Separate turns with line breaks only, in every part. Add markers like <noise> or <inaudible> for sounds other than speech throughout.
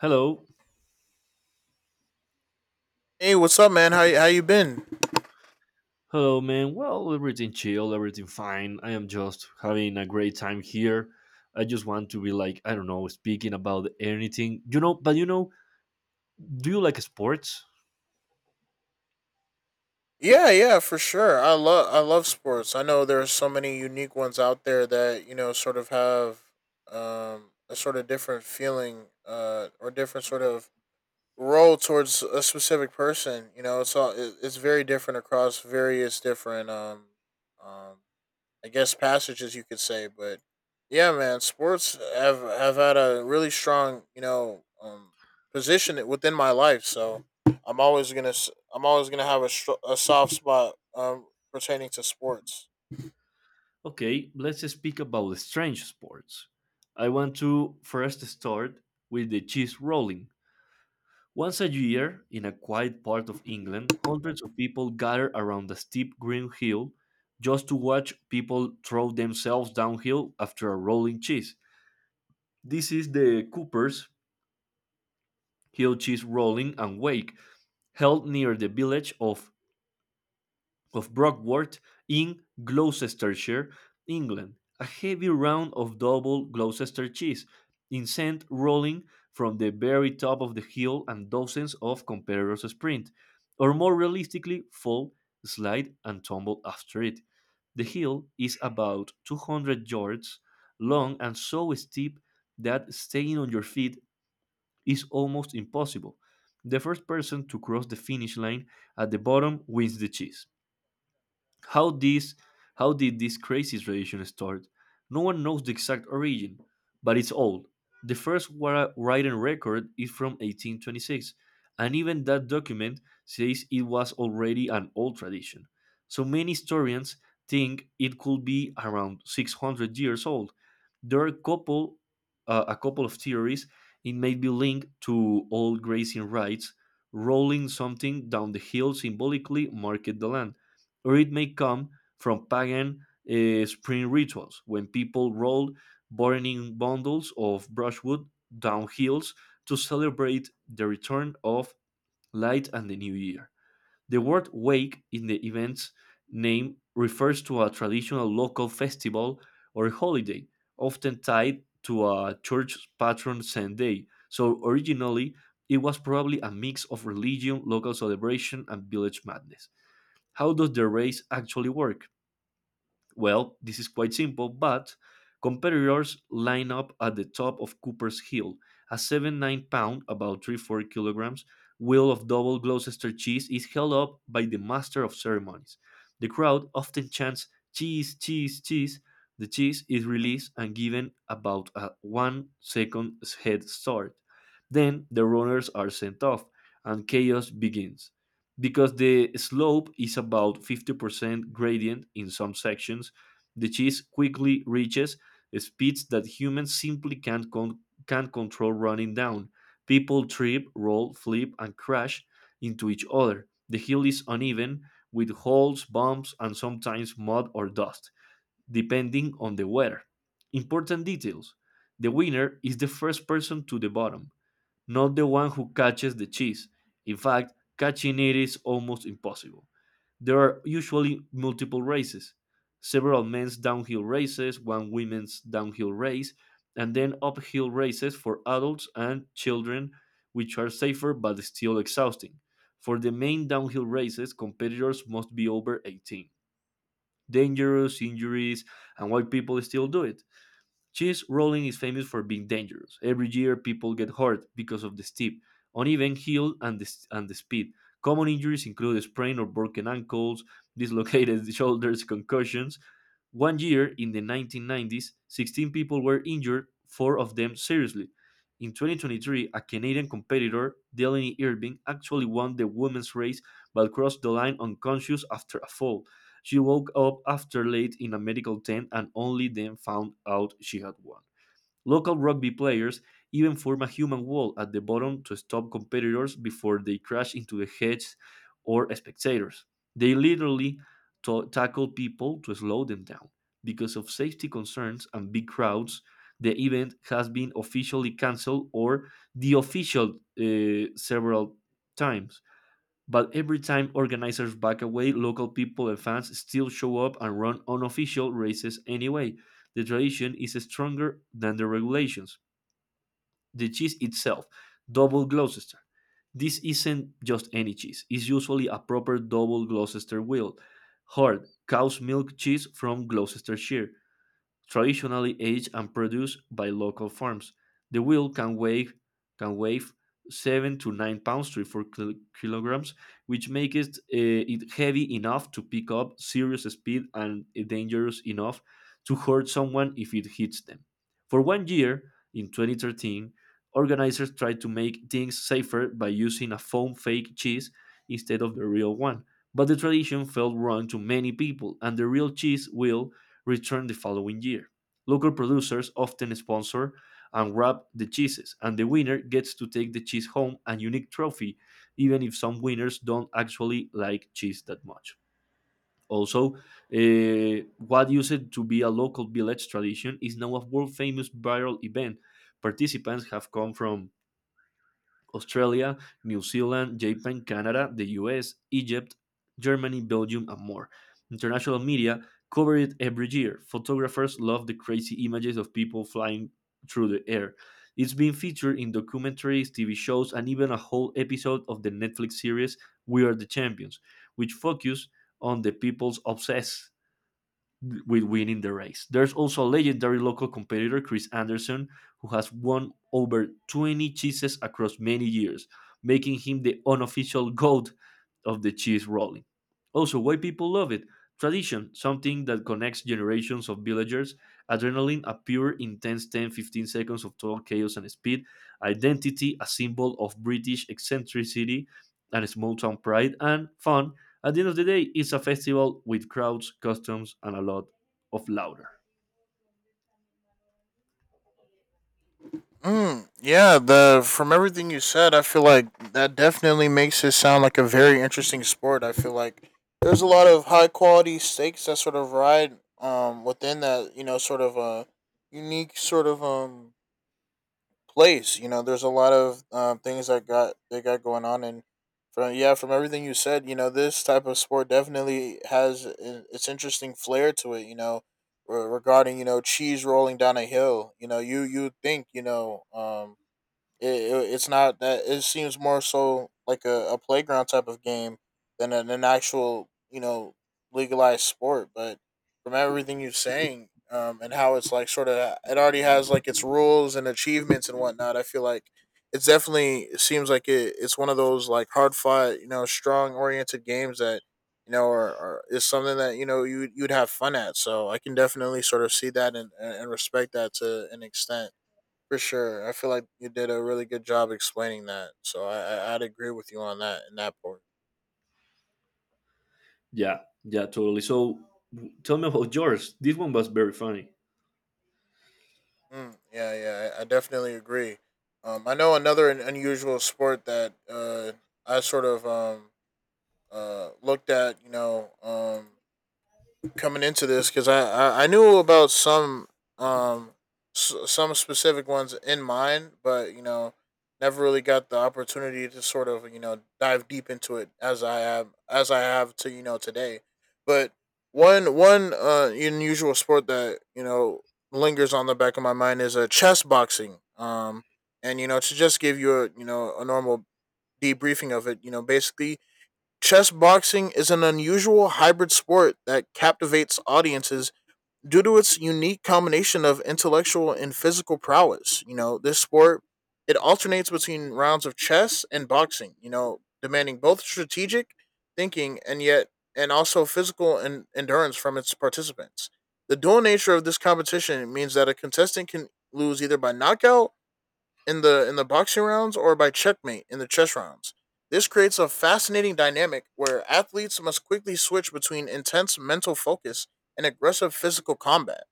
Hello.
Hey, what's up, man? How you been?
Hello, man. Well, everything chill, everything fine. I am just having a great time here. I just want to be like, I don't know, speaking about anything. Do you like sports?
Yeah, yeah, for sure. I love sports. I know there are so many unique ones out there that you know sort of have a sort of different feeling or different sort of role towards a specific person. You know, it's it's very different across various different um, I guess passages you could say, but yeah, man, sports have had a really strong you know position within my life. So I'm always gonna have a a soft spot pertaining to sports.
Okay, let's speak about strange sports. I want to first start with the cheese rolling. Once a year, in a quiet part of England, hundreds of people gather around a steep green hill just to watch people throw themselves downhill after a rolling cheese. This is the Cooper's Hill Cheese Rolling and Wake, held near the village of Brockworth in Gloucestershire, England. A heavy round of double Gloucester cheese, incensed rolling from the very top of the hill, and dozens of competitors sprint, or more realistically, fall, slide, and tumble after it. The hill is about 200 yards long and so steep that staying on your feet is almost impossible. The first person to cross the finish line at the bottom wins the chase. How this how did this crazy tradition start? No one knows the exact origin, but it's old. The first written record is from 1826, and even that document says it was already an old tradition. So many historians think it could be around 600 years old. There are a couple of theories. It may be linked to old grazing rights. Rolling something down the hill symbolically marked the land, or it may come from pagan spring rituals when people rolled burning bundles of brushwood down hills to celebrate the return of light and the new year. The word wake in the event's name refers to a traditional local festival or holiday, often tied to a church patron saint day. So originally, it was probably a mix of religion, local celebration, and village madness. How does the race actually work? Well, this is quite simple, but competitors line up at the top of Cooper's Hill. A 7-9 pound, about 3-4 kilograms, wheel of double Gloucester cheese is held up by the master of ceremonies. The crowd often chants cheese, cheese, cheese. The cheese is released and given about a 1 second head start. Then the runners are sent off and chaos begins. Because the slope is about 50% gradient in some sections, the cheese quickly reaches speeds that humans simply can't control running down. People trip, roll, flip, and crash into each other. The hill is uneven, with holes, bumps, and sometimes mud or dust, depending on the weather. Important details: the winner is the first person to the bottom, not the one who catches the cheese. In fact, catching it is almost impossible. There are usually multiple races: several men's downhill races, one women's downhill race, and then uphill races for adults and children, which are safer but still exhausting. For the main downhill races, competitors must be over 18. Dangerous injuries, and why people still do it. Cheese rolling is famous for being dangerous. Every year, people get hurt because of the steep, uneven heel and the speed. Common injuries include a sprain or broken ankles, dislocated <laughs> shoulders, concussions. One year in the 1990s, 16 people were injured, four of them seriously. In 2023, a Canadian competitor, Delaney Irving, actually won the women's race but crossed the line unconscious after a fall. She woke up after late in a medical tent and only then found out she had won. Local rugby players even form a human wall at the bottom to stop competitors before they crash into the heads or spectators. They literally tackle people to slow them down. Because of safety concerns and big crowds, the event has been officially cancelled or the official several times. But every time organizers back away, local people and fans still show up and run unofficial races anyway. The tradition is stronger than the regulations. The cheese itself, double Gloucester. This isn't just any cheese, it's usually a proper double Gloucester wheel. Hard, cow's milk cheese from Gloucestershire, traditionally aged and produced by local farms. The wheel can weigh 7 to 9 pounds, 3 4 kilograms, which makes it heavy enough to pick up serious speed and dangerous enough to hurt someone if it hits them. For one year in 2013, organizers tried to make things safer by using a foam fake cheese instead of the real one. But the tradition felt wrong to many people, and the real cheese wheel returned the following year. Local producers often sponsor and wrap the cheeses, and the winner gets to take the cheese home, a unique trophy, even if some winners don't actually like cheese that much. Also, what used to be a local village tradition is now a world famous viral event. Participants have come from Australia, New Zealand, Japan, Canada, the US, Egypt, Germany, Belgium, and more. International media covered it every year. Photographers love the crazy images of people flying through the air. It's been featured in documentaries, TV shows, and even a whole episode of the Netflix series We Are the Champions, which focus on the people's obsess with winning the race. There's also a legendary local competitor, Chris Anderson, who has won over 20 cheeses across many years, making him the unofficial goat of the cheese rolling. Also, why people love it: tradition, something that connects generations of villagers; adrenaline, a pure, intense 10 to 15 seconds of total chaos and speed; identity, a symbol of British eccentricity and small town pride; and fun. At the end of the day, it's a festival with crowds, customs, and a lot of louder.
Yeah, the from everything you said, I feel like that definitely makes it sound like a very interesting sport. I feel like there's a lot of high quality stakes that sort of ride within that you know sort of a unique sort of place. You know, there's a lot of things that got they got going on, and from everything you said, you know, this type of sport definitely has its interesting flair to it. You know, regarding you know cheese rolling down a hill. You know, you would think you know it's not that. It seems more so like a playground type of game than an actual, you know, legalized sport. But from everything you're saying, and how it's like sort of, it already has like its rules and achievements and whatnot. I feel like it seems like it's one of those like hard fought, you know, strong oriented games that you know are is something that you know you'd have fun at. So I can definitely sort of see that and and respect that to an extent. For sure. I feel like you did a really good job explaining that. So I'd agree with you on that in that part.
Yeah, yeah, totally. So tell me about yours. This one was very funny.
Yeah, yeah, I definitely agree. I know another unusual sport that I sort of looked at. You know, coming into this because I knew about some um some specific ones in mind, but you know never really got the opportunity to sort of you know dive deep into it as I have to you know today. But one unusual sport that you know lingers on the back of my mind is a chess boxing. And you know to just give you a you know a normal debriefing of it, you know basically chess boxing is an unusual hybrid sport that captivates audiences due to its unique combination of intellectual and physical prowess. You know, this sport it alternates between rounds of chess and boxing, you know, demanding both strategic thinking and yet and also physical and endurance from its participants. The dual nature of this competition means that a contestant can lose either by knockout in the boxing rounds or by checkmate in the chess rounds. This creates a fascinating dynamic where athletes must quickly switch between intense mental focus and aggressive physical combat.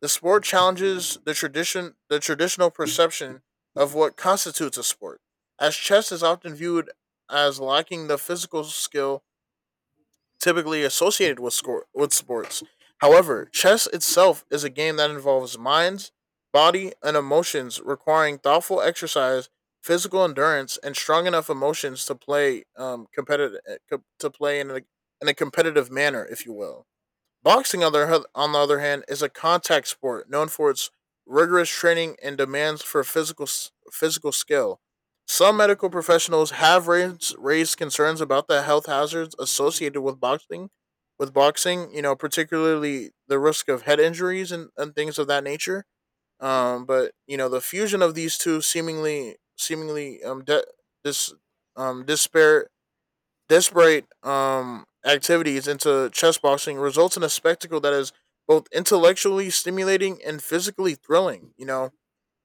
The sport challenges the traditional perception of what constitutes a sport, as chess is often viewed as lacking the physical skill typically associated with score with sports. However, chess itself is a game that involves minds, body, and emotions, requiring thoughtful exercise, physical endurance, and strong enough emotions to play competitive to play in a competitive manner, if you will. Boxing, on the other hand, is a contact sport known for its rigorous training and demands for physical skill. Some medical professionals have raised concerns about the health hazards associated with boxing, you know, particularly the risk of head injuries and things of that nature. But you know, the fusion of these two seemingly dis, disparate desperate activities into chess boxing results in a spectacle that is both intellectually stimulating and physically thrilling. You know,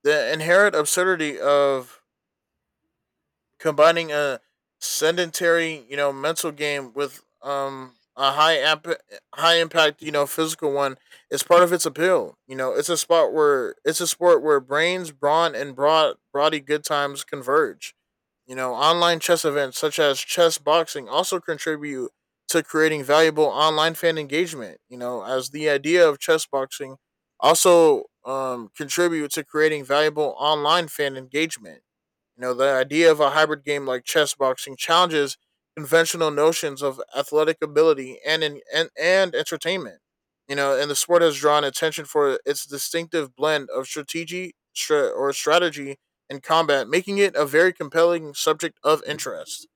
the inherent absurdity of combining a sedentary, you know, mental game with a high impact, you know, physical one is part of its appeal. You know, it's a sport where brains, brawn, and broad body good times converge. You know, online chess events such as chess boxing also contribute to creating valuable online fan engagement. You know, as the idea of chess boxing also contribute to creating valuable online fan engagement, you know, the idea of a hybrid game like chess boxing challenges conventional notions of athletic ability and and entertainment. You know, and the sport has drawn attention for its distinctive blend of strategy stra- or strategy and combat, making it a very compelling subject of interest.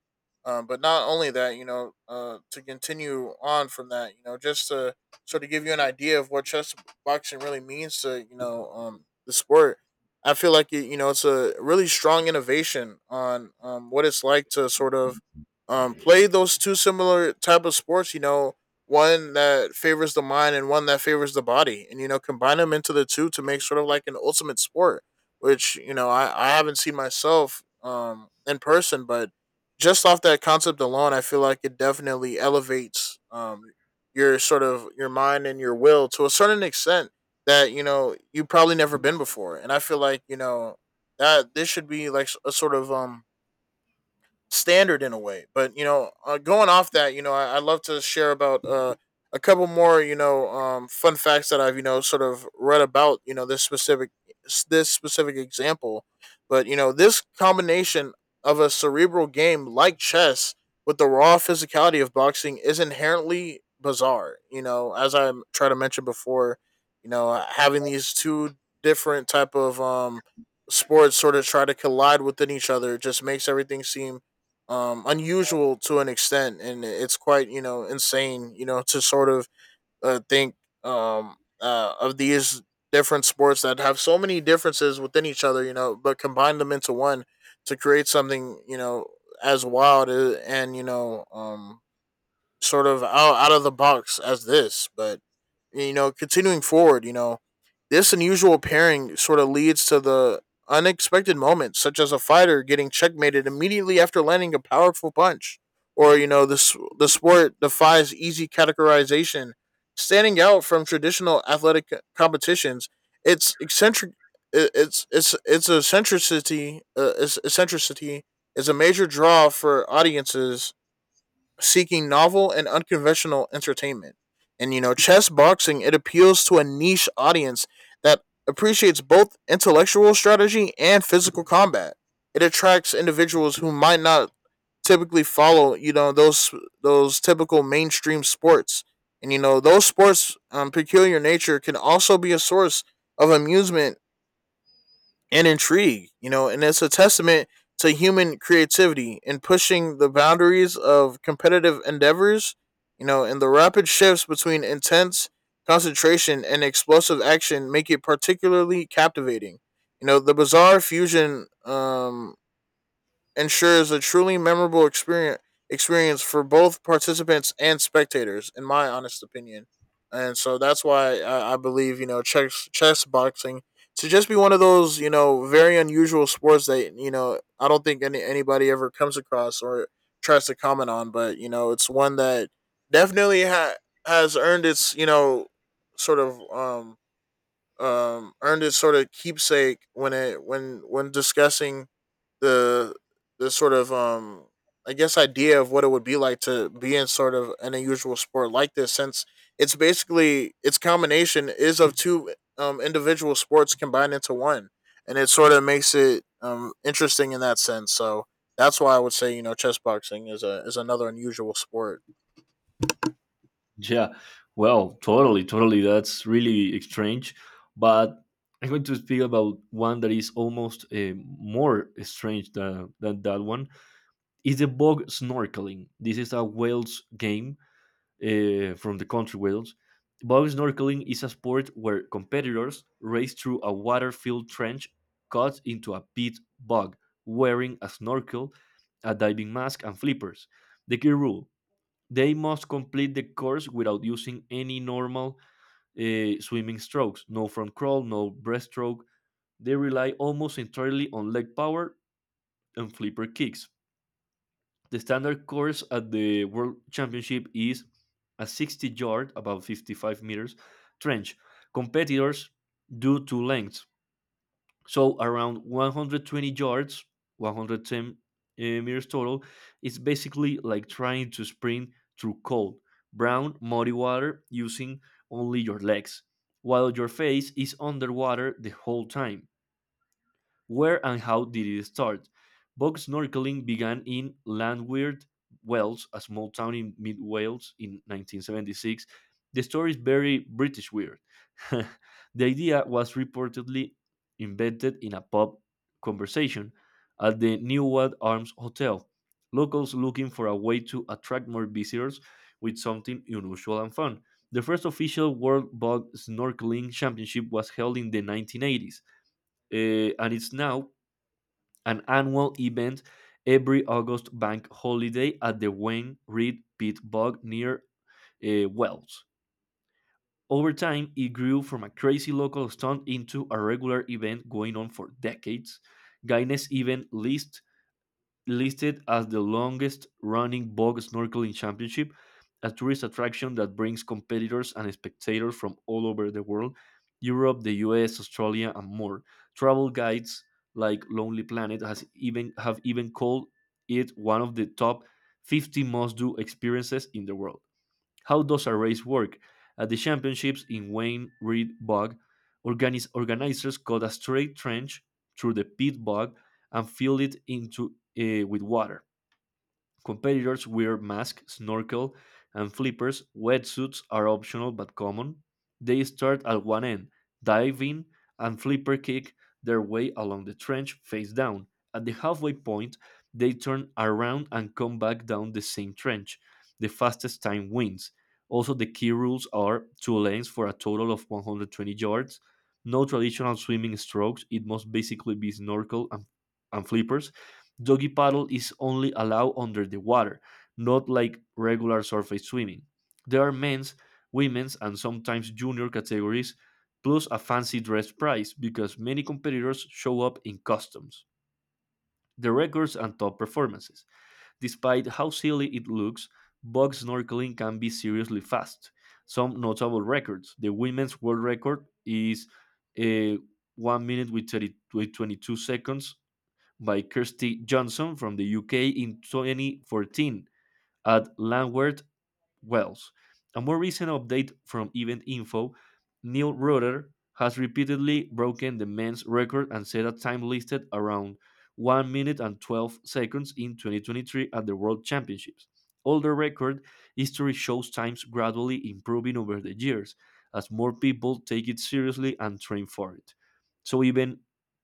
But not only that, you know, to continue on from that, you know, just to sort of give you an idea of what chess boxing really means to you know the sport. I feel like it, you know it's a really strong innovation on what it's like to sort of play those two similar type of sports. You know, one that favors the mind and one that favors the body, and you know combine them into the two to make sort of like an ultimate sport. Which you know I haven't seen myself in person, but just off that concept alone, I feel like it definitely elevates your sort of your mind and your will to a certain extent that you know you have probably never been before, and I feel like you know that this should be like a sort of standard in a way. But you know, going off that, you know, I love to share about a couple more, you know, fun facts that I've you know sort of read about, you know, this specific example. But you know, this combination of a cerebral game like chess with the raw physicality of boxing is inherently bizarre. You know, as I tried to mention before, you know, having these two different type of sports sort of try to collide within each other just makes everything seem unusual to an extent and it's quite you know insane you know to sort of think um of these different sports that have so many differences within each other you know but combine them into one to create something you know as wild and you know sort of out of the box as this but you know continuing forward you know this unusual pairing sort of leads to the unexpected moments, such as a fighter getting checkmated immediately after landing a powerful punch, or you know, this the sport defies easy categorization, standing out from traditional athletic competitions. It's eccentric. It's it's eccentricity. Its eccentricity is a major draw for audiences seeking novel and unconventional entertainment. And you know, chess boxing it appeals to a niche audience that appreciates both intellectual strategy and physical combat. It attracts individuals who might not typically follow, you know, those typical mainstream sports. And you know, those sports peculiar nature can also be a source of amusement and intrigue, you know, and it's a testament to human creativity in pushing the boundaries of competitive endeavors, you know, and the rapid shifts between intense concentration and explosive action make it particularly captivating. You know, the bizarre fusion ensures a truly memorable experience for both participants and spectators, in my honest opinion. And so that's why I believe you know chess boxing to just be one of those you know very unusual sports that you know I don't think anybody ever comes across or tries to comment on, but you know it's one that definitely has earned its you know sort of earned its sort of keepsake when it when discussing the the sort of I guess idea of what it would be like to be in sort of an unusual sport like this since it's basically its combination is of two individual sports combined into one and it sort of makes it interesting in that sense. So that's why I would say, you know, chess boxing is a is another unusual sport.
Yeah, well, totally, totally. That's really strange. But I'm going to speak about one that is almost more strange than that one. It's the bog snorkeling. This is a Wales game, from the country Wales. Bow snorkeling is a sport where competitors race through a water filled trench cut into a pit bog, wearing a snorkel, a diving mask, and flippers. The key rule: they must complete the course without using any normal swimming strokes, no front crawl, no breaststroke. They rely almost entirely on leg power and flipper kicks. The standard course at the World Championship is a 60-yard, about 55 meters, trench. Competitors do two lengths, so around 120 yards, 110 meters total. It's basically like trying to sprint through cold, brown, muddy water using only your legs, while your face is underwater the whole time. Where and how did it start? Bog snorkeling began in Llanwyd, Wales, a small town in mid Wales, in 1976. The story is very British weird. <laughs> The idea was reportedly invented in a pub conversation at the Newad Arms Hotel. Locals looking for a way to attract more visitors with something unusual and fun. The first official World Bog Snorkeling Championship was held in the 1980s, and it's now an annual event every August bank holiday at the Wayne Reed Pit Bog near Wells. Over time, it grew from a crazy local stunt into a regular event going on for decades. Guinness even lists listed as the longest running bog snorkeling championship, a tourist attraction that brings competitors and spectators from all over the world: Europe, the US, Australia, and more. Travel guides like Lonely Planet has even have even called it one of the top 50 must do experiences in the world. How does a race work? At the championships in Wayne Reed Bog, organizers cut a straight trench through the pit bog and filled it into with water. Competitors wear masks, snorkel, and flippers. Wetsuits are optional but common. They start at one end, dive in, and flipper kick their way along the trench face down. At the halfway point, they turn around and come back down the same trench. The fastest time wins. Also, the key rules are two lanes for a total of 120 yards. No traditional swimming strokes. It must basically be snorkel and flippers. Doggy paddle is only allowed under the water, not like regular surface swimming. There are men's, women's, and sometimes junior categories, plus a fancy dress prize because many competitors show up in costumes. The records and top performances. Despite how silly it looks, bug snorkeling can be seriously fast. Some notable records. The women's world record is uh, 1 minute 30, with 22 seconds by Kirsty Johnson from the UK in 2014 at Lambeth wells. A more recent update from Event Info, Neil Rutter has repeatedly broken the men's record and set a time listed around 1 minute and 12 seconds in 2023 at the World Championships. Although record history shows times gradually improving over the years as more people take it seriously and train for it. So even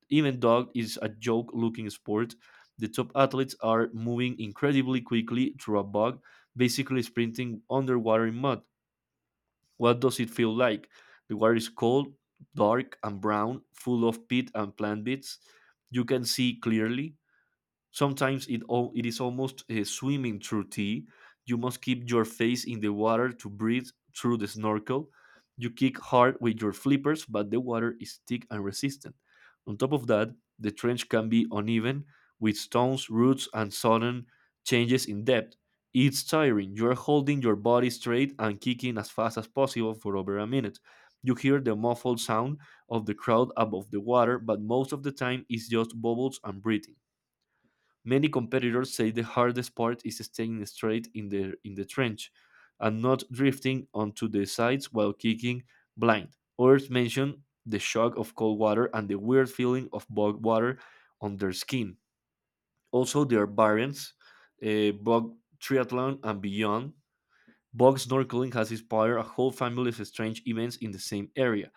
even though is a joke looking sport, the top athletes are moving incredibly quickly through a bug basically sprinting underwater in mud. What does it feel like? The water is cold, dark, and brown, full of peat and plant bits. You can see clearly. Sometimes it is almost swimming through tea. You must keep your face in the water to breathe through the snorkel. You kick hard with your flippers, but the water is thick and resistant. On top of that, the trench can be uneven with stones, roots, and sudden changes in depth. It's tiring. You are holding your body straight and kicking as fast as possible for over a minute. You hear the muffled sound of the crowd above the water, but most of the time it's just bubbles and breathing. Many competitors say the hardest part is staying straight in the trench and not drifting onto the sides while kicking blind. Others mention the shock of cold water and the weird feeling of bog water on their skin. Also, there are variants, bog triathlon and beyond. Bog snorkeling has inspired a whole family of strange events in the same area.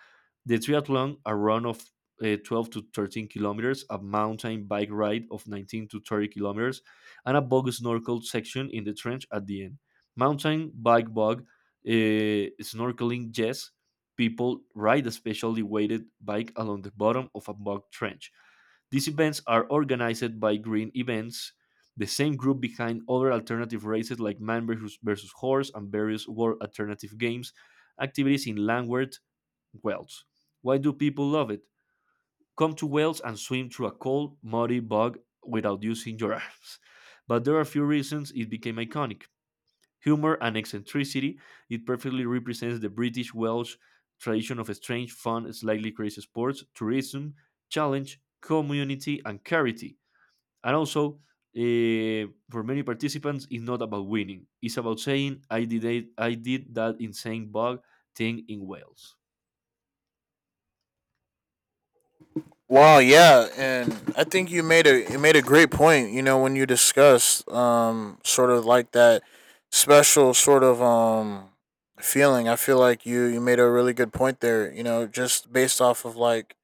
The triathlon, a run of 12 to 13 kilometers, a mountain bike ride of 19 to 30 kilometers, and a bog snorkel section in the trench at the end. Mountain bike bog, snorkeling, yes. People ride a specially weighted bike along the bottom of a bog trench. These events are organized by Green Events, the same group behind other alternative races like Man versus Horse and various World Alternative Games activities in Langward, Wales. Why do people love it? Come to Wales and swim through a cold, muddy bog without using your <laughs> arms. But there are a few reasons it became iconic. Humor and eccentricity, it perfectly represents the British Welsh tradition of strange, fun, slightly crazy sports, tourism, challenge, community, and charity. And also, for many participants, it's not about winning. It's about saying, "I did it, I did that insane bug thing in Wales."
Wow, yeah, and I think you made a great point. You know, when you discussed sort of like that special sort of feeling, I feel like you made a really good point there. You know, just based off of like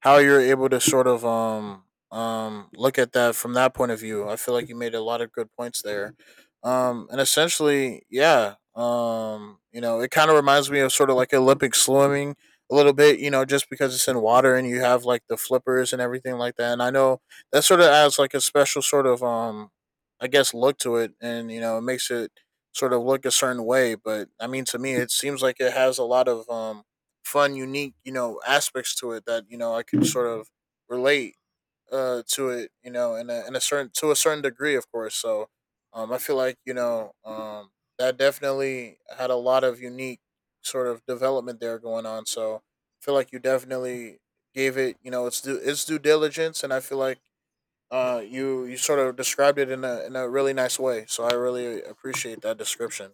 how you're able to sort of look at that from that point of view. I feel like you made a lot of good points there. And essentially, yeah, you know, it kind of reminds me of sort of like Olympic swimming a little bit, you know, just because it's in water and you have like the flippers and everything like that. And I know that sort of adds like a special sort of I guess look to it, and you know, it makes it sort of look a certain way, but I mean to me it seems like it has a lot of fun, unique, you know, aspects to it that you know I could sort of relate to it, you know, in a certain to a certain degree, of course. So, I feel like you know, that definitely had a lot of unique sort of development there going on. So, I feel like you definitely gave it, you know, its due diligence, and I feel like you sort of described it in a really nice way. So I really appreciate that description.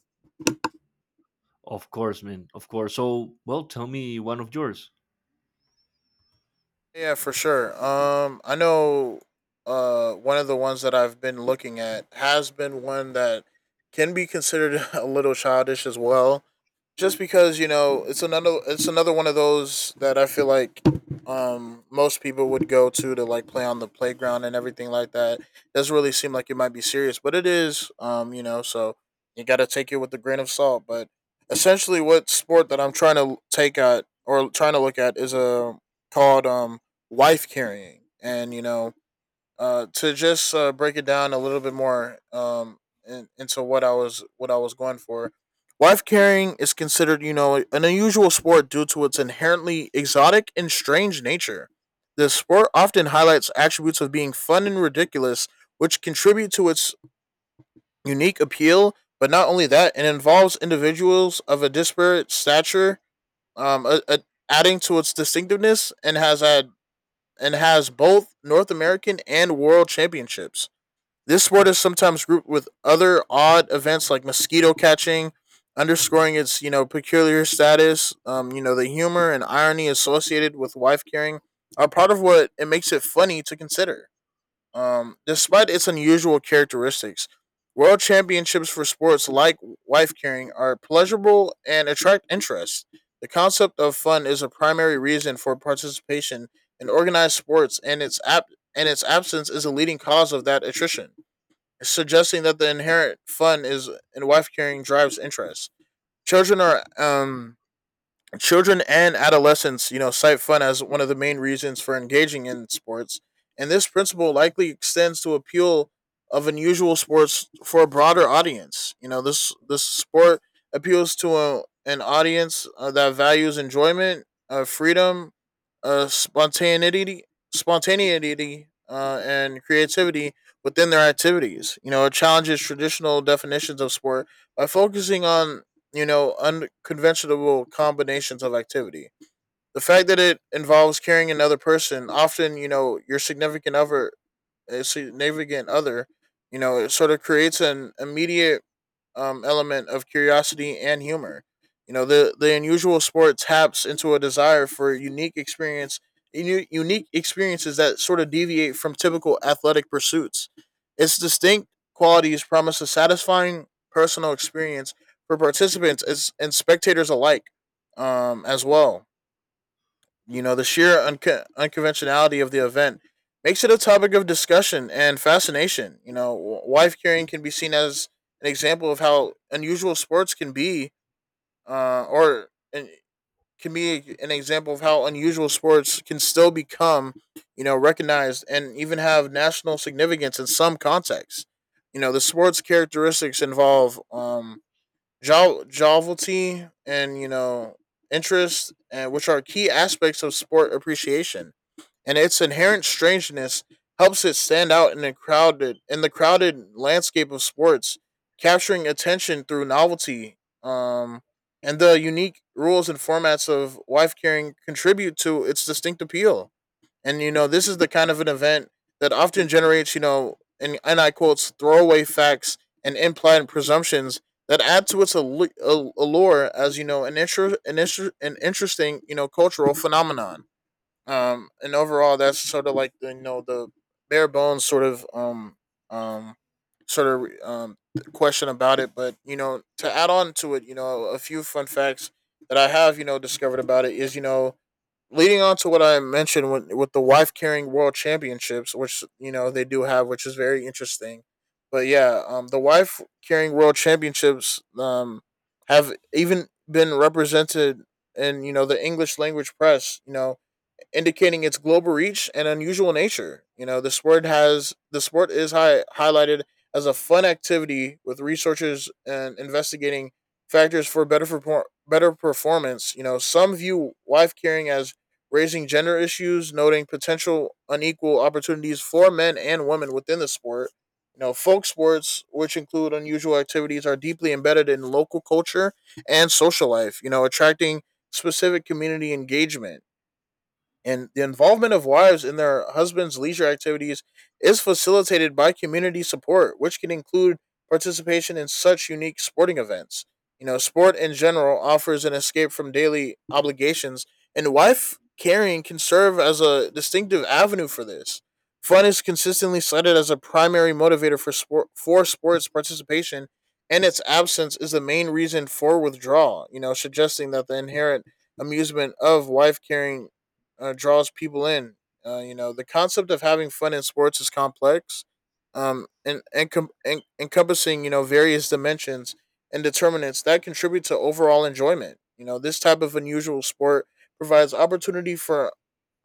Of course, man. Of course. So, well, tell me one of yours.
Yeah, for sure. I know. One of the ones that I've been looking at has been one that can be considered <laughs> a little childish as well, just because you know it's another one of those that I feel like most people would go to like play on the playground and everything like that. It doesn't really seem like it might be serious, but it is. You know, so you got to take it with a grain of salt. But essentially, what sport that I'm trying to look at is a called wife carrying, and you know to just break it down a little bit more, into what I was going for. Wife carrying is considered, you know, an unusual sport due to its inherently exotic and strange nature. The sport often highlights attributes of being fun and ridiculous, which contribute to its unique appeal. But not only that, it involves individuals of a disparate stature, um, a, a, adding to its distinctiveness, and has both North American and World Championships. This sport is sometimes grouped with other odd events like mosquito catching, underscoring its you know peculiar status. You know, the humor and irony associated with wife carrying are part of what it makes it funny to consider. Despite its unusual characteristics, world championships for sports like wife carrying are pleasurable and attract interest. The concept of fun is a primary reason for participation in organized sports, and and its absence is a leading cause of that attrition, suggesting that the inherent fun is in wife carrying drives interest. Children are um Children and adolescents, you know, cite fun as one of the main reasons for engaging in sports, and this principle likely extends to appeal of unusual sports for a broader audience. You know, this sport appeals to a, an audience, that values enjoyment, freedom, uh, spontaneity, spontaneity, and creativity within their activities. You know, it challenges traditional definitions of sport by focusing on you know unconventional combinations of activity. The fact that it involves carrying another person, often, you know, your significant other, eh, significant other, you know, it sort of creates an immediate element of curiosity and humor. You know, the unusual sport taps into a desire for unique experience, unique experiences that sort of deviate from typical athletic pursuits. Its distinct qualities promise a satisfying personal experience for participants as, and spectators alike, as well. You know, the sheer unconventionality of the event makes it a topic of discussion and fascination. You know, wife carrying can be seen as an example of how unusual sports can be, or an, can be an example of how unusual sports can still become, you know, recognized and even have national significance in some contexts. You know, the sports characteristics involve jovelty and you know interest and which are key aspects of sport appreciation, and its inherent strangeness helps it stand out in the crowded landscape of sports, capturing attention through novelty, and the unique rules and formats of wife carrying contribute to its distinct appeal. And you know, this is the kind of an event that often generates, you know, and I quotes, throwaway facts and implied presumptions that add to its allure as, you know, an interesting, you know, cultural phenomenon. And overall, that's sort of like the, you know, the bare bones sort of, um, sort of, um, question about it. But, you know, to add on to it, you know, a few fun facts that I have, you know, discovered about it is, you know, leading on to what I mentioned with the wife carrying world championships, which you know they do have, which is very interesting. But yeah, the wife carrying world championships have even been represented in you know the English language press. You know, indicating its global reach and unusual nature. You know, the sport is highlighted as a fun activity with researchers and investigating factors for better performance. You know, some view wife carrying as raising gender issues, noting potential unequal opportunities for men and women within the sport. You know, folk sports, which include unusual activities, are deeply embedded in local culture and social life. You know, attracting specific community engagement, and the involvement of wives in their husbands' leisure activities is facilitated by community support, which can include participation in such unique sporting events. You know, sport in general offers an escape from daily obligations, and wife carrying can serve as a distinctive avenue for this. Fun is consistently cited as a primary motivator for sports participation, and its absence is the main reason for withdrawal. You know, suggesting that the inherent amusement of wife carrying draws people in. You know, the concept of having fun in sports is complex, and, and encompassing you know various dimensions and determinants that contribute to overall enjoyment. You know, this type of unusual sport provides opportunity for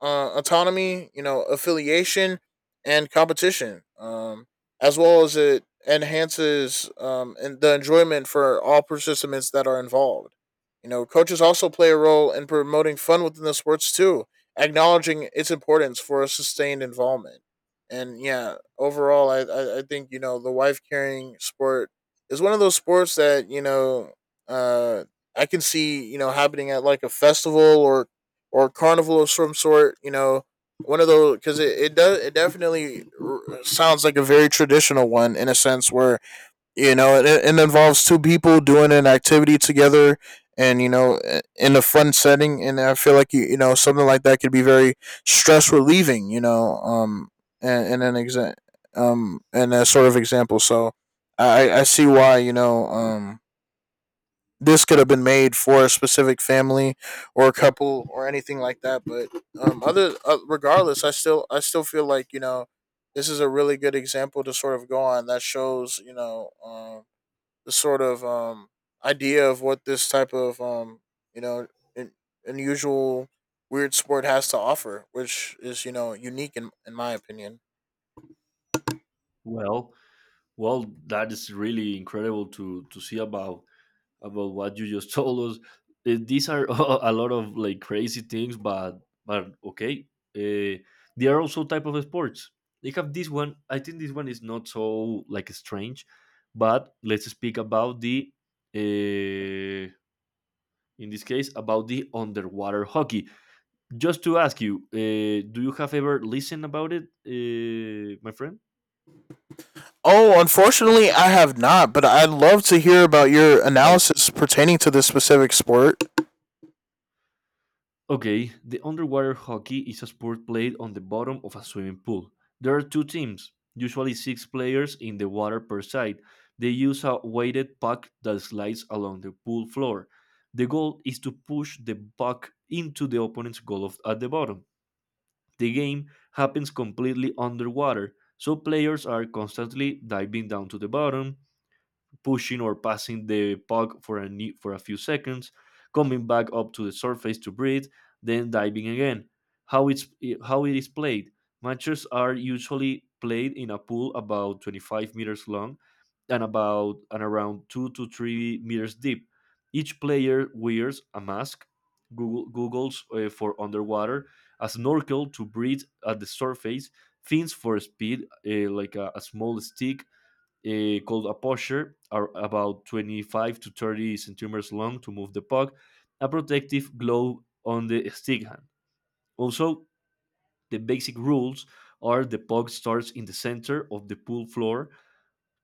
autonomy, you know, affiliation, and competition, as well as it enhances and the enjoyment for all participants that are involved. You know, coaches also play a role in promoting fun within the sports too, acknowledging its importance for a sustained involvement. And yeah, overall, I think, you know, the wife carrying sport is one of those sports that, you know, uh, I can see, you know, happening at like a festival or carnival of some sort, you know, one of those, cause it does, it definitely sounds like a very traditional one in a sense where, you know it involves two people doing an activity together and you know in a fun setting. And I feel like you know something like that could be very stress relieving, you know, and a sort of example. So I see why you know this could have been made for a specific family or a couple or anything like that. But other regardless, I still feel like you know this is a really good example to sort of go on that shows you know the sort of, idea of what this type of, you know in, unusual weird sport has to offer, which is you know unique in my opinion.
Well, well, that is really incredible to see about. About what you just <laughs> told us. These are <laughs> a lot of like crazy things, but okay. Uh, they are also type of sports. They have this one. I think this one is not so like strange, but let's speak about the uh, in this case about the underwater hockey. Just to ask you, do you have ever listened about it, my friend?
Oh, unfortunately, I have not, but I'd love to hear about your analysis pertaining to this specific sport.
Okay, the underwater hockey is a sport played on the bottom of a swimming pool. There are two teams, usually six players in the water per side. They use a weighted puck that slides along the pool floor. The goal is to push the puck into the opponent's goal of, at the bottom. The game happens completely underwater, so players are constantly diving down to the bottom, pushing or passing the puck for for a few seconds, coming back up to the surface to breathe, then diving again. How it's how it is played. Matches are usually played in a pool about 25 meters long and about and around 2 to 3 meters deep. Each player wears a mask, googles for underwater, a snorkel to breathe at the surface, fins for speed, like a small stick called a posture, are about 25 to 30 centimeters long to move the puck, a protective glove on the stick hand. Also, the basic rules are the puck starts in the center of the pool floor.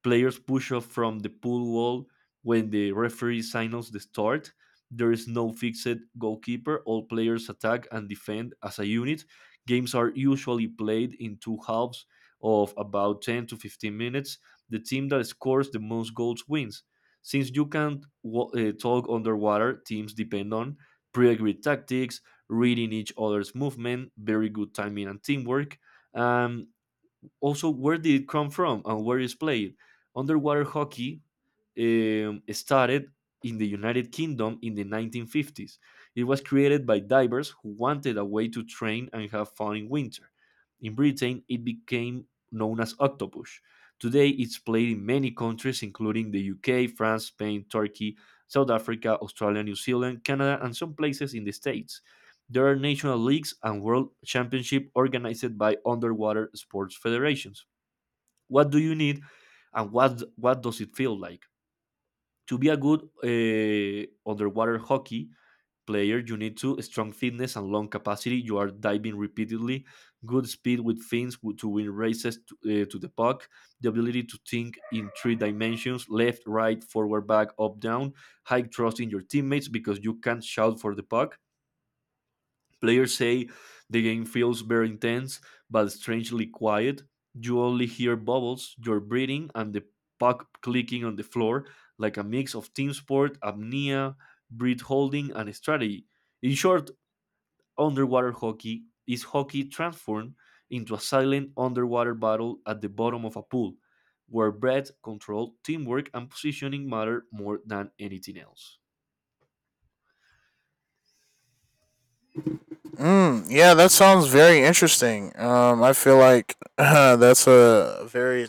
Players push off from the pool wall when the referee signals the start. There is no fixed goalkeeper. All players attack and defend as a unit. Games are usually played in two halves of about 10 to 15 minutes. The team that scores the most goals wins. Since you can't talk underwater, teams depend on pre agreed tactics, reading each other's movement, very good timing and teamwork. And also, where did it come from and where is played. Underwater hockey started in the United Kingdom in the 1950s. It was created by divers who wanted a way to train and have fun in winter. In Britain, it became known as Octopus. Today, it's played in many countries, including the UK, France, Spain, Turkey, South Africa, Australia, New Zealand, Canada, and some places in the States. There are national leagues and world championship organized by underwater sports federations. What do you need and what does it feel like? To be a good underwater hockey player, you need to strong fitness and long capacity. You are diving repeatedly, good speed with fins to win races to the puck, the ability to think in three dimensions left, right, forward, back, up, down, high trust in your teammates because you can shout for the puck. Players say the game feels very intense but strangely quiet. You only hear bubbles, your breathing, and the puck clicking on the floor like a mix of team sport, apnea, breath holding, and strategy. In short, underwater hockey is hockey transformed into a silent underwater battle at the bottom of a pool, where breath control, teamwork, and positioning matter more than anything else.
Mm, yeah, that sounds very interesting. I feel like <laughs> that's a very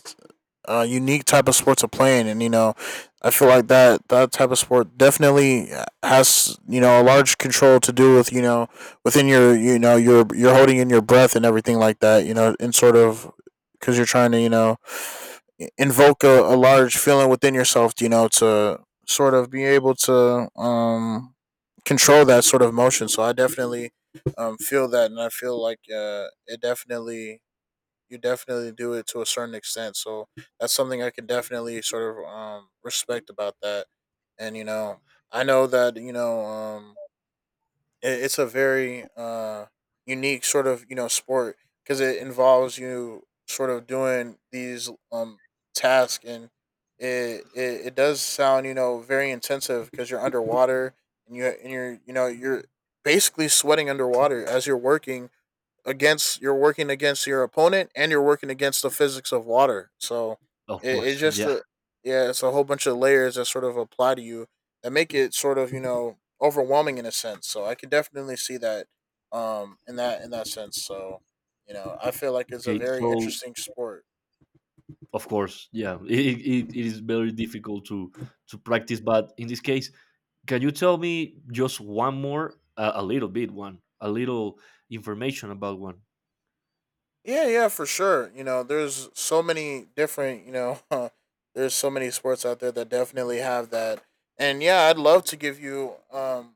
unique type of sport to play in, and you know, I feel like that type of sport definitely has you know a large control to do with you know within your you know your you're holding in your breath and everything like that. You know, in sort of because you're trying to you know invoke a large feeling within yourself, you know, to sort of be able to control that sort of emotion. So I definitely feel that, and I feel like it definitely you definitely do it to a certain extent. So that's something I can definitely sort of respect about that. And you know, I know that you know it, it's a very unique sort of you know sport, because it involves you sort of doing these tasks. And it it does sound you know very intensive because you're underwater, and you're you know you're basically sweating underwater as you're working against your opponent, and you're working against the physics of water. So
Of
it
course,
just
yeah.
yeah, it's a whole bunch of layers that sort of apply to you that make it sort of overwhelming in a sense. So I could definitely see that in that sense. So I feel like it's a
Okay,
very
so
interesting sport.
of course, yeah, <laughs> it is very difficult to practice, but in this case can you tell me just one more a little bit one a little information about one.
Yeah, yeah, for sure. You know, there's so many different <laughs> there's so many sports out there that definitely have that. And yeah, I'd love to give you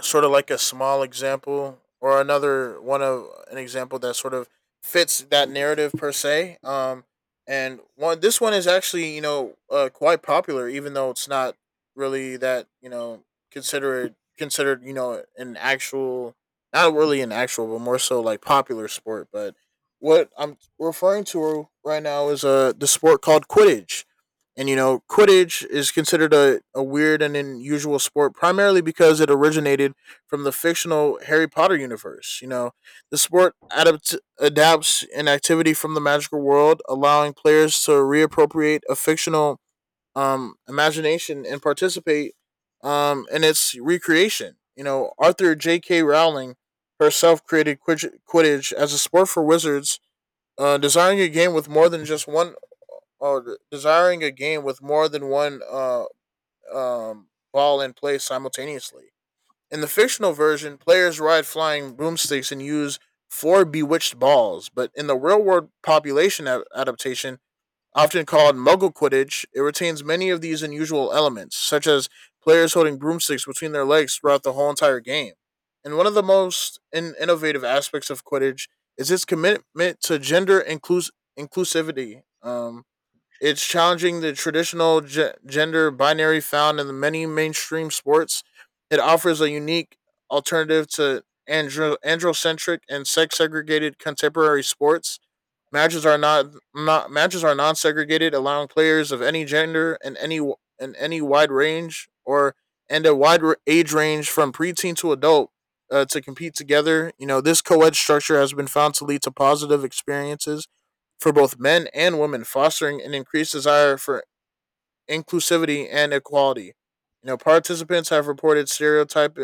sort of like a small example or another one of an example that sort of fits that narrative per se. And one this one is actually quite popular, even though it's not really that considered an actual not really an actual but more so like popular sport. But what I'm referring to right now is the sport called Quidditch. And you know, Quidditch is considered a weird and unusual sport primarily because it originated from the fictional Harry Potter universe. You know, the sport adapts an activity from the magical world, allowing players to reappropriate a fictional imagination and participate in its recreation. You know, Arthur J.K. Rowling herself created Quidditch as a sport for wizards, designing a game with more than just one oh, desiring a game with more than one ball in play simultaneously. In the fictional version, players ride flying broomsticks and use four bewitched balls, but in the real world population adaptation, often called Muggle Quidditch, it retains many of these unusual elements, such as players holding broomsticks between their legs throughout the whole entire game. And one of the most innovative aspects of Quidditch is its commitment to gender inclusivity. It's challenging the traditional gender binary found in the many mainstream sports. It offers a unique alternative to androcentric and sex segregated contemporary sports. Matches are not, not matches are non segregated, allowing players of any gender and any wide range or and a wide age range from preteen to adult to compete together. You know, this co ed structure has been found to lead to positive experiences for both men and women, fostering an increased desire for inclusivity and equality. You know, participants have reported stereotype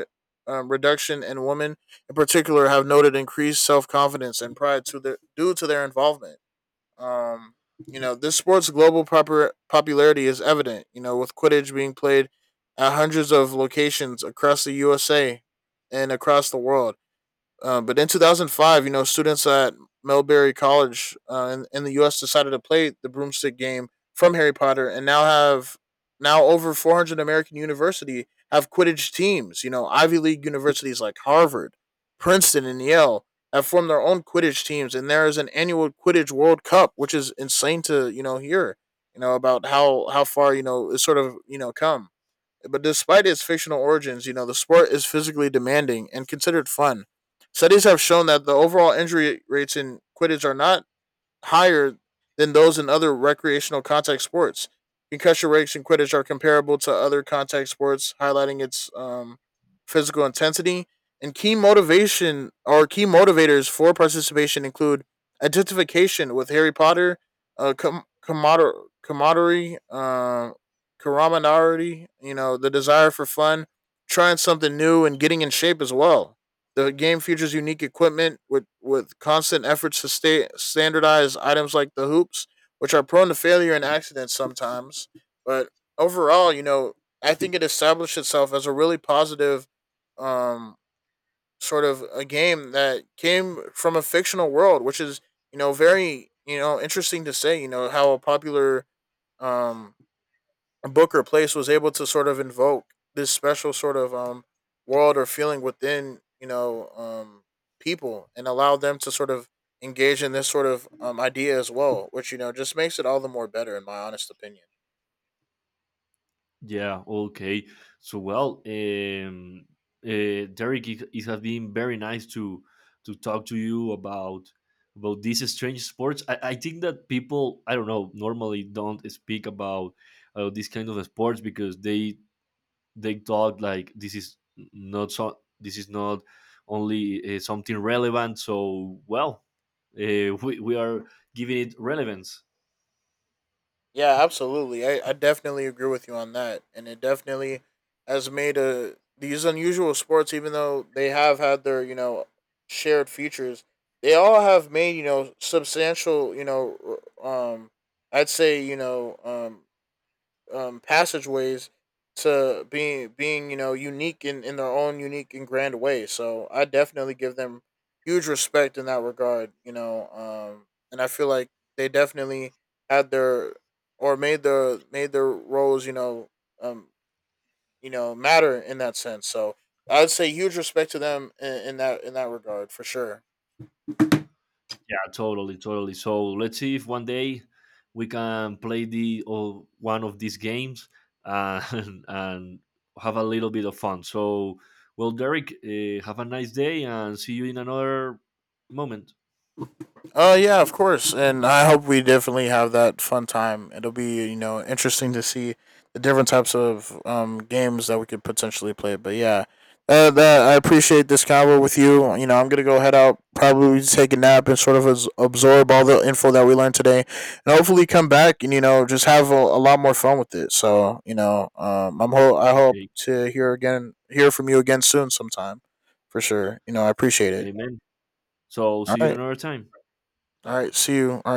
reduction, and women in particular have noted increased self confidence and pride due to their involvement. Um, you know, this sport's global proper popularity is evident. You know, with Quidditch being played at hundreds of locations across the USA and across the world. But in 2005, you know, students at Melbury College in the U.S. decided to play the broomstick game from Harry Potter, and now over 400 American university have Quidditch teams. You know, Ivy League universities like Harvard, Princeton, and Yale have formed their own Quidditch teams, and there is an annual Quidditch World Cup, which is insane to hear. You know about how far it's sort of come. But despite its fictional origins, you know, the sport is physically demanding and considered fun. Studies have shown that the overall injury rates in Quidditch are not higher than those in other recreational contact sports. Concussion rates in Quidditch are comparable to other contact sports, highlighting its physical intensity. And key motivation or key motivators for participation include identification with Harry Potter, uh, com- commodor- camaraderie, uh, camaraderie, you know, the desire for fun, trying something new, and getting in shape as well. The game features unique equipment with constant efforts to standardize items like the hoops, which are prone to failure and accidents sometimes. But overall, you know, I think it established itself as a really positive um, sort of a game that came from a fictional world, which is, you know, very, you know, interesting to say, you know, how a popular um, Booker Place was able to sort of invoke this special sort of world or feeling within people and allow them to sort of engage in this sort of idea as well, which you know just makes it all the more better in my honest opinion.
Yeah, okay, so well, Derek, it has been very nice to talk to you about these strange sports. I, think that people, I don't know, normally don't speak about these kind of sports because they thought like this is not so, this is not only something relevant. So well, we are giving it relevance.
Yeah, absolutely. I definitely agree with you on that, and it definitely has made a these unusual sports, even though they have had their shared features, they all have made substantial you know I'd say you know passageways to being unique in their own unique and grand way. So I definitely give them huge respect in that regard. And I feel like they definitely had their or made their roles um, you know matter in that sense. So I'd say huge respect to them in that regard for sure.
Yeah, totally, totally. So let's see if one day we can play the or one of these games, <laughs> and have a little bit of fun. So well, Derek, have a nice day and see you in another moment.
Yeah, of course, and I hope we definitely have that fun time. It'll be interesting to see the different types of games that we could potentially play. But yeah, that I appreciate this convo with you. You know, I'm gonna go head out, probably take a nap, and sort of absorb all the info that we learned today, and hopefully come back and just have a lot more fun with it. So you know, I hope
Okay.
to hear from you again soon, sometime, for sure. You know, I appreciate it.
Okay, man. So
All
see you in
right,
another time.
all right,
Bye.
see you.